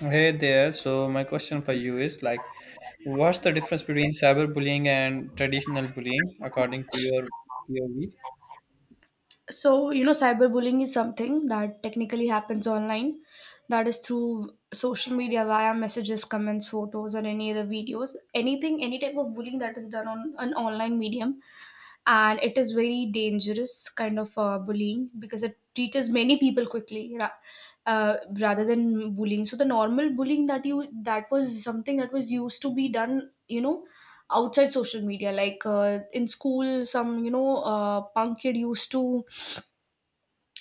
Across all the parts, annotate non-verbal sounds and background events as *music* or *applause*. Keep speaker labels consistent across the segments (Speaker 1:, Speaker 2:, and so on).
Speaker 1: Hey there. So my question for you is like, what's the difference between cyberbullying and traditional bullying according to your POV?
Speaker 2: So you know, cyberbullying is something that technically happens online, that is through social media via messages, comments, photos, or any other videos, anything, any type of bullying that is done on an online medium. And it is very dangerous kind of bullying because it reaches many people quickly rather than bullying. So the normal bullying, that was something that was used to be done, you know, outside social media, like in school some, you know, punk kid used to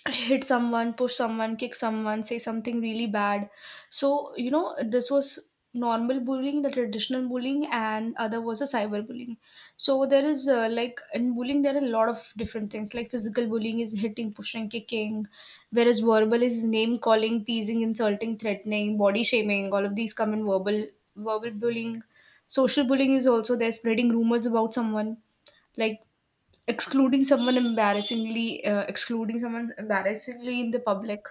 Speaker 2: hit someone, push someone, kick someone, say something really bad. So, you know, this was normal bullying, the traditional bullying, and other was a cyber bullying. So, there is like in bullying, there are a lot of different things, like physical bullying is hitting, pushing, kicking, whereas verbal is name calling, teasing, insulting, threatening, body shaming. All of these come in verbal, bullying. Social bullying is also there, spreading rumors about someone, like excluding someone embarrassingly in the public.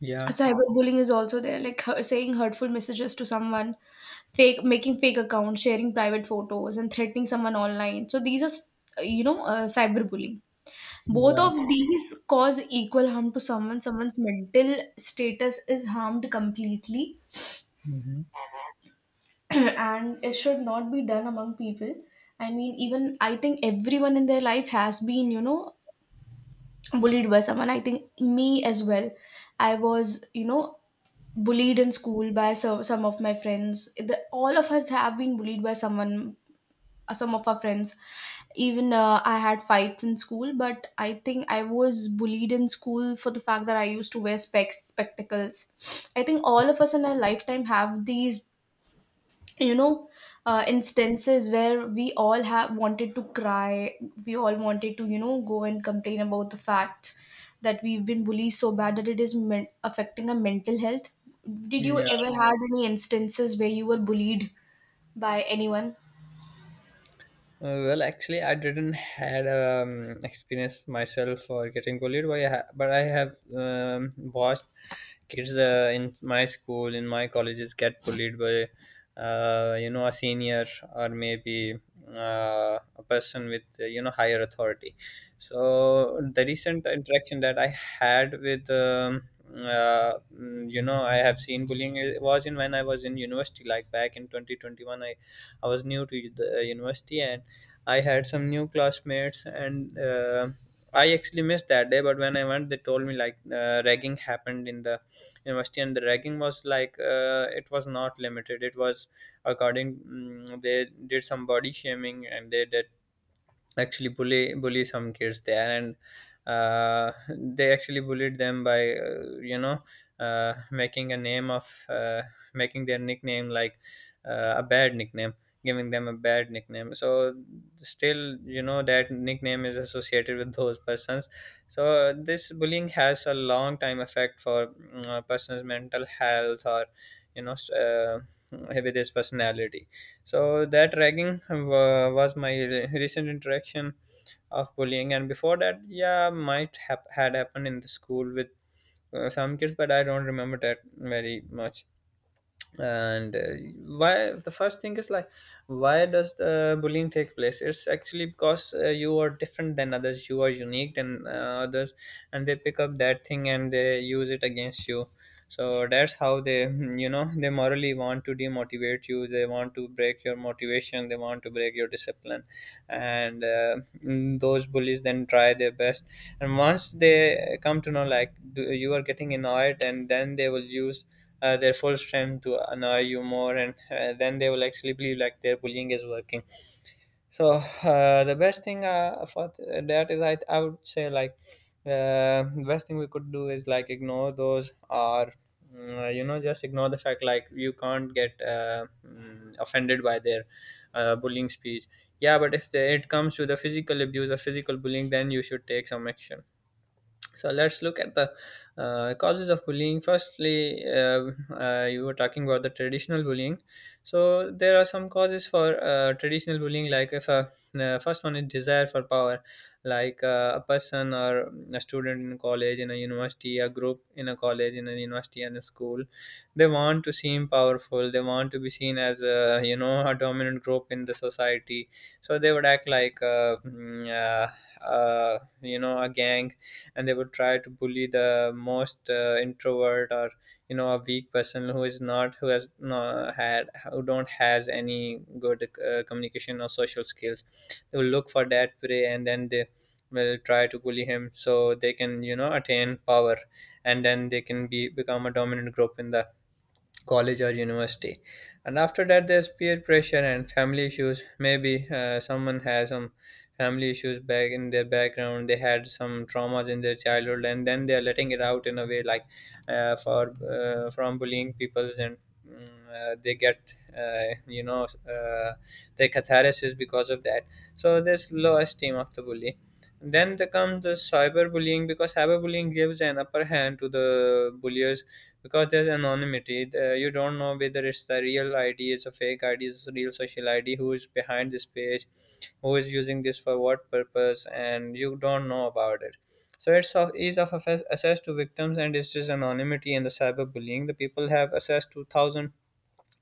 Speaker 1: Yeah.
Speaker 2: Cyberbullying is also there, like saying hurtful messages to someone, fake making fake accounts, sharing private photos, and threatening someone online. So these are, cyberbullying. Both
Speaker 1: Yeah.
Speaker 2: of these cause equal harm to someone. Someone's mental status is harmed completely,
Speaker 1: Hmm.
Speaker 2: *clears throat* and it should not be done among people. I mean, even I think everyone in their life has been, you know, bullied by someone. I think me as well. I was, you know, bullied in school by some of my friends. All of us have been bullied by someone, some of our friends. Even I had fights in school, but I think I was bullied in school for the fact that I used to wear specs spectacles. I think all of us in our lifetime have these, you know instances where we all have wanted to cry. We all wanted to, you know, go and complain about the fact that we've been bullied so bad that it is affecting our mental health. Did you
Speaker 1: Yeah.
Speaker 2: ever had any instances where you were bullied by anyone?
Speaker 1: Well, actually, I didn't had experience myself for getting bullied, but I have watched kids in my school, in my colleges, get bullied by you know a senior, or maybe a person with you know higher authority. So the recent interaction that I had with you know, I have seen bullying. Was in, when I was in university, like back in 2021, I was new to the university, and I had some new classmates, and I actually missed that day, but when I went they told me, like, ragging happened in the university. And the ragging was, like, it was not limited. It was according, they did some body shaming, and they did actually bully some kids there. And they actually bullied them by, you know, making a name of, making their nickname, like, a bad nickname, giving them a bad nickname. So still, you know, that nickname is associated with those persons. So this bullying has a long time effect for, a person's mental health, or, you know s- uh, with his personality. So that was my recent interaction of bullying. And before that, yeah, might have had happened in the school with some kids, but I don't remember that very much. And why, the first thing is like, why does the bullying take place? It's actually because you are different than others, you are unique than others, and they pick up that thing and they use it against you. So that's how they, you know, they morally want to demotivate you, they want to break your motivation, they want to break your discipline. And those bullies then try their best. And once they come to know, like, you are getting annoyed, and then they will use their full strength to annoy you more, and then they will actually believe like their bullying is working. So the best thing for that is, I would say, like, the best thing we could do is, like, ignore those, or, you know, just ignore the fact, like, you can't get offended by their bullying speech. Yeah, but if it comes to the physical abuse or physical bullying, then you should take some action. So let's look at the causes of bullying. Firstly, you were talking about the traditional bullying. So there are some causes for traditional bullying, like, if a, first one is desire for power. Like, a person or a student in college, in a university, a group in a college, in a university, and a school, they want to seem powerful, they want to be seen as a, you know, a dominant group in the society. So they would act like, you know, a gang. And they would try to bully the most introvert, or, you know, a weak person, who is not, who has not had, who don't has any good communication or social skills. They will look for that prey, and then they will try to bully him so they can, you know, attain power, and then they can be become a dominant group in the college or university. And after that, there's peer pressure and family issues. Maybe someone has some family issues back in their background, they had some traumas in their childhood, and then they're letting it out in a way, like, for, from bullying peoples, and they get, you know, uh, their catharsis because of that. So there's low esteem of the bully. Then there comes the cyberbullying, because cyberbullying gives an upper hand to the bulliers, because there's anonymity. You don't know whether it's the real ID, it's a fake ID, it's a real social ID, who is behind this page, who is using this for what purpose, and you don't know about it. So it's of ease of access to victims, and it's just anonymity in the cyberbullying. The people have access to thousand,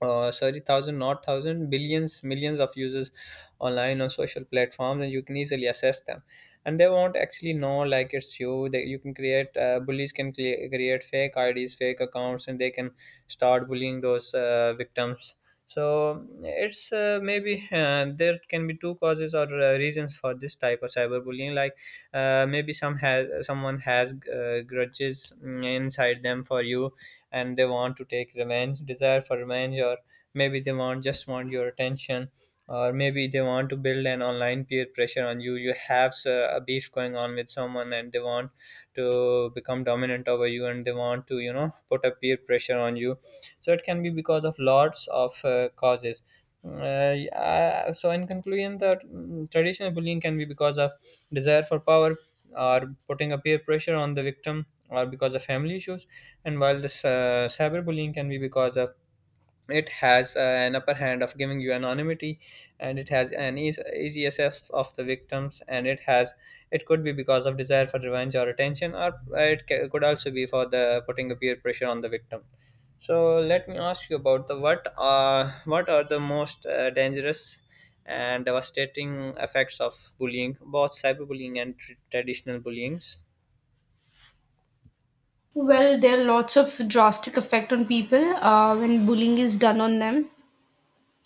Speaker 1: sorry, thousand, not thousand, billions, millions of users online on social platforms, and you can easily assess them. And they won't actually know like it's you. They, you can create, bullies can create fake IDs, fake accounts, and they can start bullying those victims. So it's, maybe, there can be two causes or reasons for this type of cyberbullying, like, maybe someone has grudges inside them for you, and they want to take revenge, desire for revenge, or maybe they want, just want your attention, or maybe they want to build an online peer pressure on you. You have a beef going on with someone, and they want to become dominant over you, and they want to, you know, put a peer pressure on you. So it can be because of lots of causes. Yeah, so in conclusion, that, traditional bullying can be because of desire for power, or putting a peer pressure on the victim, or because of family issues. And while this cyberbullying can be because of, it has an upper hand of giving you anonymity, and it has an easy access of the victims, and it has, it could be because of desire for revenge or attention, or could also be for the putting a peer pressure on the victim. So let me ask you about the, what are, what are the most dangerous and devastating effects of bullying, both cyberbullying and traditional bullyings?
Speaker 2: Well, there are lots of drastic effect on people when bullying is done on them.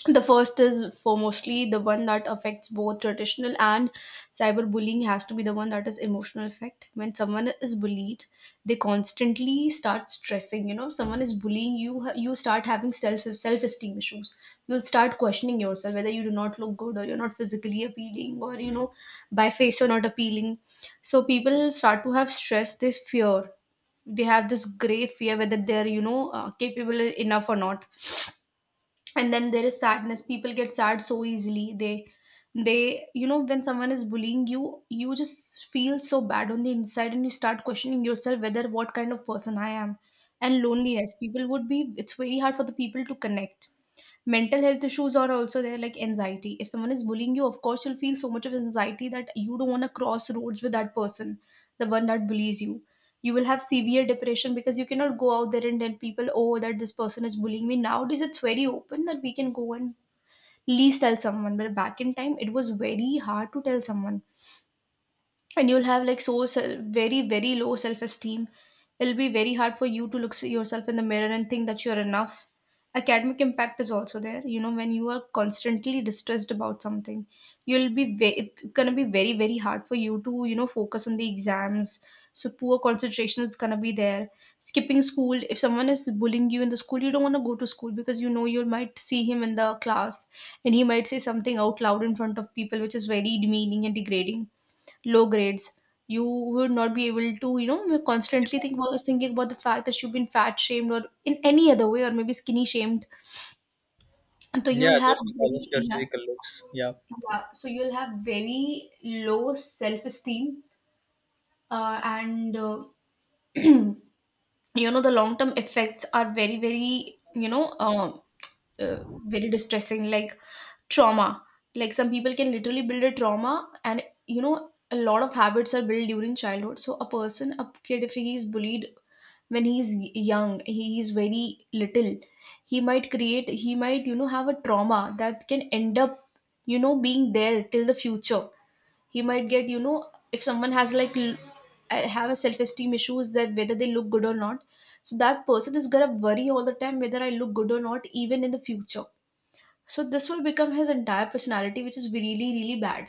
Speaker 2: The first is foremostly, the one that affects both traditional and cyberbullying has to be the one that is emotional effect. When someone is bullied, they constantly start stressing. You know, someone is bullying you, you start having self esteem issues. You'll start questioning yourself whether you do not look good or you're not physically appealing, or you know, by face you're not appealing. So people start to have stress, this fear. They have this grey fear whether they're, you know, capable enough or not. And then there is sadness. People get sad so easily. They, you know, when someone is bullying you, you just feel so bad on the inside and you start questioning yourself whether what kind of person I am. And loneliness, people would be, it's very hard for the people to connect. Mental health issues are also there, like anxiety. If someone is bullying you, of course, you'll feel so much of anxiety that you don't want to cross roads with that person, the one that bullies you. You will have severe depression because you cannot go out there and tell people, oh, that this person is bullying me. Nowadays, it's very open that we can go and least tell someone, but back in time, it was very hard to tell someone. And you'll have like very, very low self esteem. It'll be very hard for you to look yourself in the mirror and think that you're enough. Academic impact is also there. You know, when you are constantly distressed about something, you'll be it's going to be very, very hard for you to, you know, focus on the exams. So poor concentration is going to be there. Skipping school, if someone is bullying you in the school, you don't want to go to school because, you know, you might see him in the class and he might say something out loud in front of people which is very demeaning and degrading. Low grades. You would not be able to, you know, constantly think about thinking about the fact that you've been fat shamed or in any other way or maybe skinny shamed. So you'll
Speaker 1: Yeah,
Speaker 2: have
Speaker 1: just because
Speaker 2: very,
Speaker 1: of your
Speaker 2: yeah.
Speaker 1: physical looks. Yeah.
Speaker 2: Yeah. So you'll have very low self esteem, and *clears throat* you know, the long term effects are very, very, uh, very distressing, like trauma. Like some people can literally build a trauma, and you know, a lot of habits are built during childhood. So a person, a kid, if he is bullied when he is young, he is very little, he might, you know, have a trauma that can end up, you know, being there till the future. He might get, you know, if someone has like have a self-esteem issues that whether they look good or not, so that person is gonna worry all the time whether I look good or not, even in the future. So this will become his entire personality, which is really, really bad.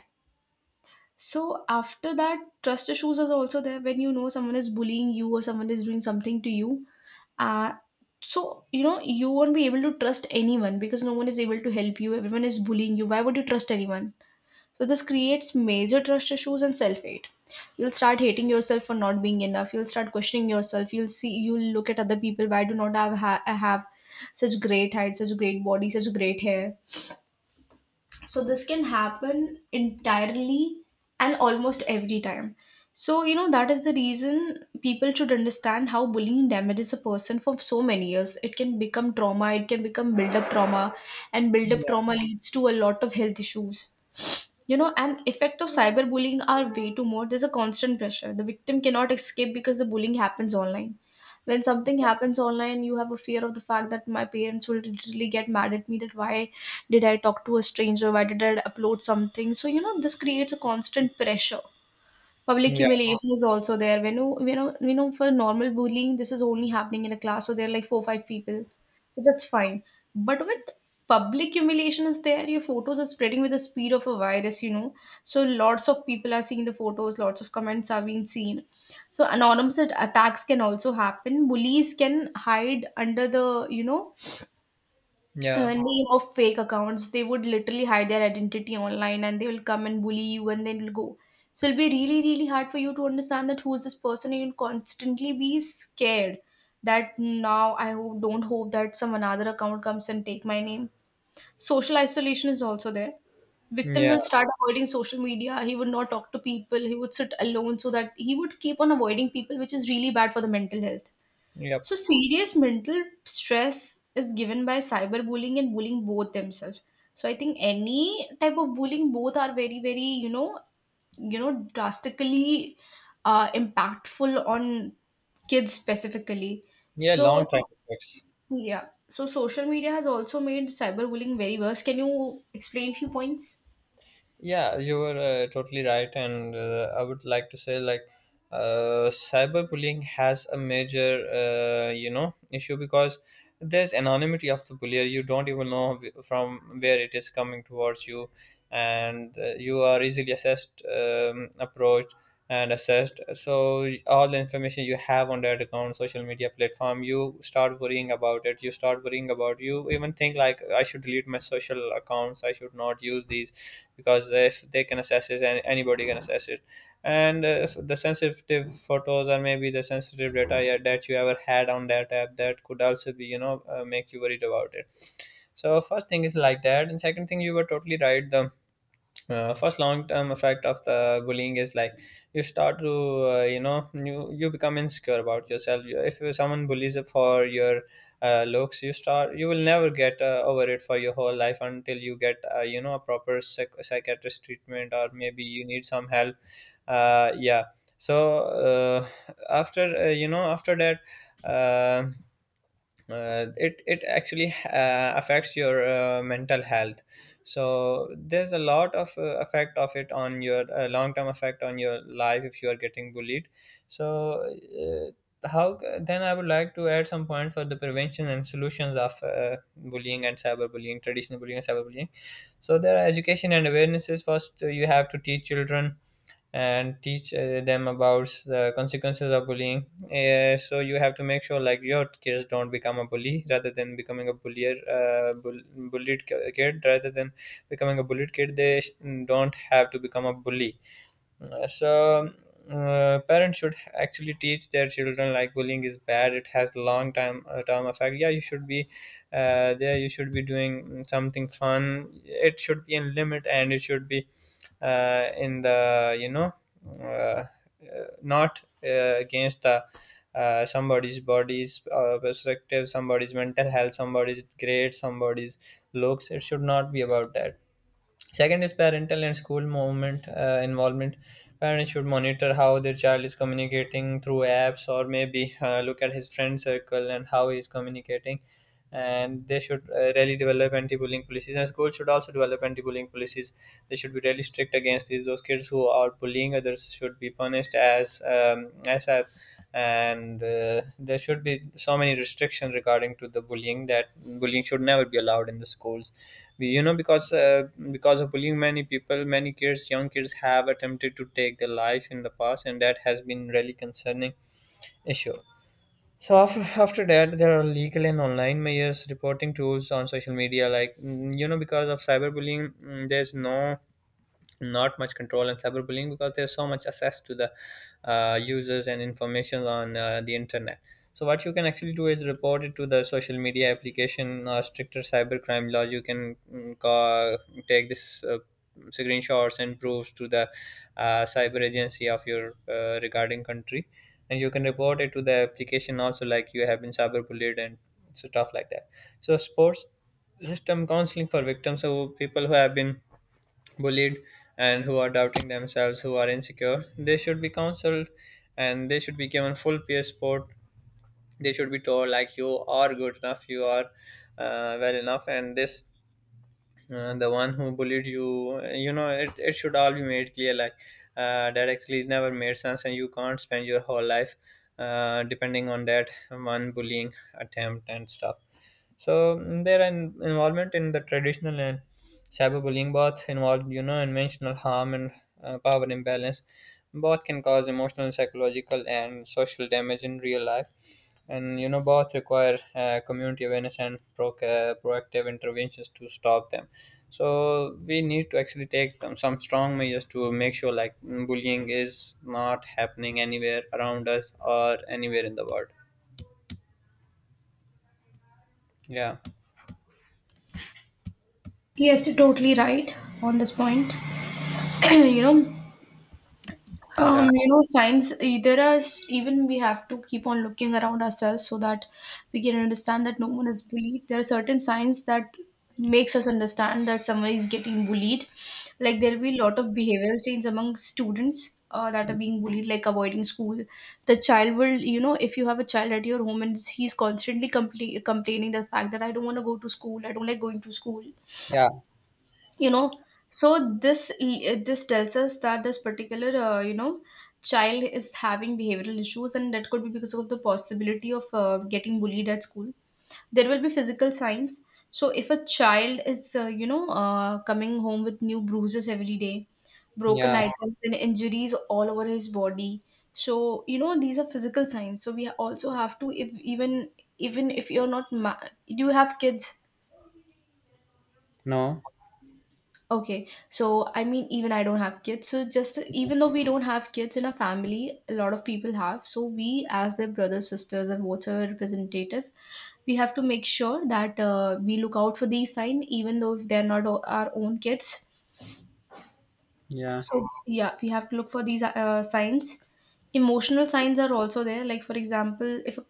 Speaker 2: So after that, trust issues is also there. When, you know, someone is bullying you or someone is doing something to you. Uh, so you know, you won't be able to trust anyone because no one is able to help you. Everyone is bullying you. Why would you trust anyone? So this creates major trust issues and self-hate. You'll start hating yourself for not being enough. You'll start questioning yourself. You'll see. You'll look at other people. Why do not I have such great height, such great body, such great hair? So this can happen entirely and almost every time. So you know that is the reason people should understand how bullying damages a person for so many years. It can become trauma, it can become build up trauma, and build up
Speaker 1: Yeah.
Speaker 2: trauma leads to a lot of health issues. You know, and effect of cyberbullying are way too more. There's a constant pressure, the victim cannot escape because the bullying happens online. When something happens online, you have a fear of the fact that my parents will literally get mad at me, that why did I talk to a stranger, why did I upload something. So you know, this creates a constant pressure. Public
Speaker 1: Yeah.
Speaker 2: humiliation is also there. When you, you know, for normal bullying, this is only happening in a class, so there are like four five people, so that's fine. But with public humiliation is there, your photos are spreading with the speed of a virus, you know, so lots of people are seeing the photos, lots of comments are being seen. So anonymous attacks can also happen. Bullies can hide under the, you know,
Speaker 1: Yeah.
Speaker 2: name of fake accounts. They would literally hide their identity online and they will come and bully you and then will go. So it'll be really, really hard for you to understand that who is this person, and you'll constantly be scared that now I don't hope that some another account comes and take my name. Social isolation is also there. Victim
Speaker 1: Yeah.
Speaker 2: will start avoiding social media. He would not talk to people. He would sit alone so that he would keep on avoiding people, which is really bad for the mental health.
Speaker 1: Yep.
Speaker 2: So, serious mental stress is given by cyberbullying and bullying both themselves. So, I think any type of bullying, both are very, very, you know, drastically impactful on kids specifically.
Speaker 1: Yeah,
Speaker 2: So,
Speaker 1: long time
Speaker 2: so
Speaker 1: effects.
Speaker 2: yeah. So, social media has also made cyberbullying very worse. Can you explain few points?
Speaker 1: Yeah, you were totally right, and I would like to say, like, cyberbullying has a major you know issue, because there's anonymity of the bullier. You don't even know from where it is coming towards you, and you are easily assessed, approached, and assessed. So all the information you have on that account, social media platform, you start worrying about it. You start worrying about, you even think, like, I should delete my social accounts, I should not use these, because if they can assess it, anybody can assess it. And if the sensitive photos or maybe the sensitive data, yeah, that you ever had on that app, that could also be, you know, make you worried about it. So first thing is like that, and second thing, you were totally right. The first long term effect of the bullying is, like, you start to, you know, you become insecure about yourself. If someone bullies for your looks, you start, you will never get over it for your whole life, until you get you know a proper psychiatrist treatment, or maybe you need some help. Yeah. So, uh, after, you know, after that, uh, it actually affects your mental health. So there's a lot of effect of it on your long term effect on your life if you are getting bullied. So, how then, I would like to add some points for the prevention and solutions of bullying and cyberbullying, traditional bullying and cyberbullying. So there are education and awarenesses. First, you have to teach children and teach them about the consequences of bullying. Yeah, so you have to make sure like your kids don't become a bully rather than becoming a bullier, bullied kid, rather than becoming a bullied kid. They don't have to become a bully. So, parents should actually teach their children, like, bullying is bad. It has long time term effect. Yeah, you should be there, you should be doing something fun. It should be in limit, and it should be, in the, you know, uh, not against the. Somebody's body's perspective, somebody's mental health, somebody's grade, somebody's looks. It should not be about that. Second is parental and school movement involvement. Parents should monitor how their child is communicating through apps, or maybe look at his friend circle and how he is communicating. And they should really develop anti-bullying policies, and schools should also develop anti-bullying policies. They should be really strict against these. Those kids who are bullying others should be punished as, as a. And there should be so many restrictions regarding to the bullying, that bullying should never be allowed in the schools. You know, because, because of bullying, many people, many kids, young kids, have attempted to take their life in the past, and that has been really concerning issue. So after, after that, there are legal and online measures, reporting tools on social media, like, you know, because of cyberbullying, there's no, not much control on cyberbullying, because there's so much access to the users and information on the internet. So what you can actually do is report it to the social media application, or stricter cybercrime laws. You can, take this screenshots and proofs to the cyber agency of your regarding country, and you can report it to the application also, like you have been cyberbullied, and stuff like that. So sports system counseling for victims, so people who have been bullied, and who are doubting themselves, who are insecure, they should be counseled, and they should be given full peer support. They should be told like, you are good enough, you are well enough, and this, the one who bullied you, you know, it should all be made clear, like that actually never made sense, and you can't spend your whole life depending on that one bullying attempt and stuff. So, their involvement in the traditional and cyberbullying, both involved, you know, intentional harm and power imbalance. Both can cause emotional, psychological, and social damage in real life. And, you know, both require community awareness and proactive interventions to stop them. So we need to actually take them, some strong measures to make sure like bullying is not happening anywhere around us, or anywhere in the world. Yeah,
Speaker 2: Yes, you're totally right on this point. *clears throat* you know, Um,
Speaker 1: yeah,
Speaker 2: you know, science, even we have to keep on looking around ourselves so that we can understand that no one is bullied. There are certain signs that makes us understand that someone is getting bullied. Like there will be a lot of behavioral change among students that are being bullied, like avoiding school. The child will, if you have a child at your home and he's constantly complaining the fact that I don't want to go to school, I don't like going to school
Speaker 1: yeah,
Speaker 2: you know so this tells us that this particular child is having behavioral issues, and that could be because of the possibility of getting bullied at school. There will be physical signs. So if a child is coming home with new bruises every day, broken
Speaker 1: yeah.
Speaker 2: items and injuries all over his body, so these are physical signs. So we also have to, if even, even if you're not ma- you have kids.
Speaker 1: No,
Speaker 2: Okay, so I mean, even I don't have kids. So just, even though we don't have kids in our family, a lot of people have. So we, as their brothers, sisters, and whatever representative, we have to make sure that we look out for these signs, even though if they're not our own kids.
Speaker 1: yeah,
Speaker 2: So yeah, we have to look for these signs. Emotional signs are also there. Like for example, if a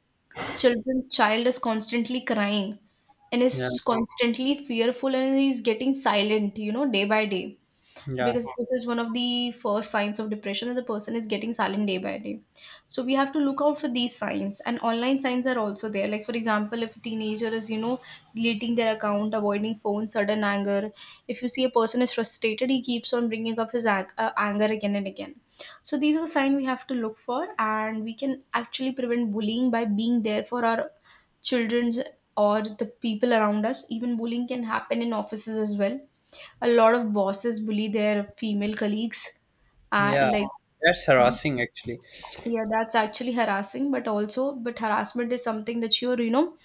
Speaker 2: child is constantly crying and
Speaker 1: yeah,
Speaker 2: is constantly fearful and he's getting silent, you know, day by day,
Speaker 1: yeah,
Speaker 2: because this is one of the first signs of depression, that the person is getting silent day by day. So we have to look out for these signs. And online signs are also there. Like for example, if a teenager is deleting their account, avoiding phone, sudden anger, if you see a person is frustrated, he keeps on bringing up his anger again and again. So these are the signs we have to look for, and we can actually prevent bullying by being there for our children's or the people around us. Even bullying can happen in offices as well. A lot of bosses bully their female colleagues. Uh,
Speaker 1: yeah.
Speaker 2: like,
Speaker 1: That's harassing, actually.
Speaker 2: yeah, that's actually harassing. But also, but harassment is something that you're,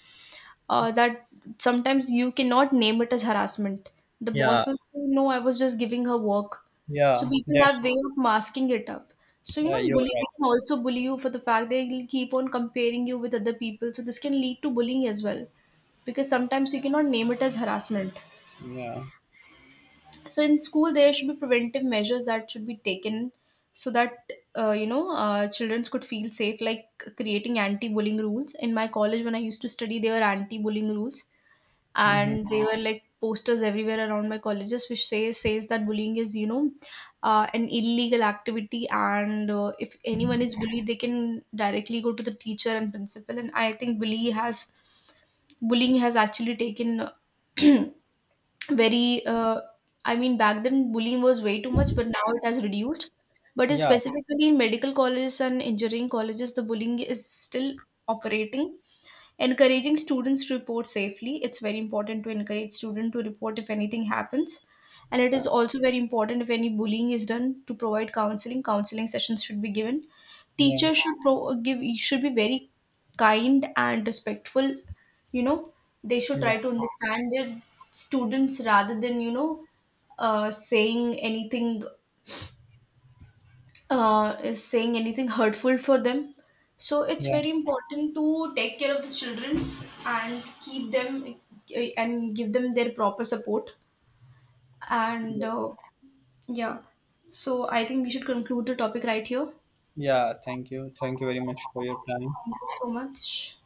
Speaker 2: that sometimes you cannot name it as harassment. The
Speaker 1: Yeah,
Speaker 2: boss will say, no, I was just giving her work. So
Speaker 1: yeah.
Speaker 2: people have
Speaker 1: That's,
Speaker 2: way of masking it up. So,
Speaker 1: you're
Speaker 2: bullying, they
Speaker 1: right.
Speaker 2: can also bully you for the fact they will keep on comparing you with other people. So this can lead to bullying as well, because sometimes you cannot name it as harassment.
Speaker 1: Yeah.
Speaker 2: So in school there should be preventive measures that should be taken, so that children could feel safe, like creating anti-bullying rules. In my college, when I used to study, there were anti-bullying rules,
Speaker 1: Mm-hmm.
Speaker 2: and they were like posters everywhere around my colleges which says that bullying is an illegal activity, and if anyone is bullied they can directly go to the teacher and principal. And I think bullying has actually taken *clears throat* very I mean, back then bullying was way too much, but now it has reduced. But it's
Speaker 1: Yeah,
Speaker 2: specifically in medical colleges and engineering colleges the bullying is still operating. Encouraging students to report safely, it's very important to encourage students to report if anything happens. And it is also very important, if any bullying is done, to provide counseling sessions should be given.
Speaker 1: yeah,
Speaker 2: Teachers should pro- give should be very kind and respectful, you know. They should
Speaker 1: yeah,
Speaker 2: try to understand their students rather than saying anything is saying anything hurtful for them. So it's
Speaker 1: yeah,
Speaker 2: very important to take care of the childrens and keep them and give them their proper support. And
Speaker 1: yeah.
Speaker 2: yeah, so I think we should conclude the topic right here.
Speaker 1: Yeah, thank you. Thank you very much for your time.
Speaker 2: Thank you so much.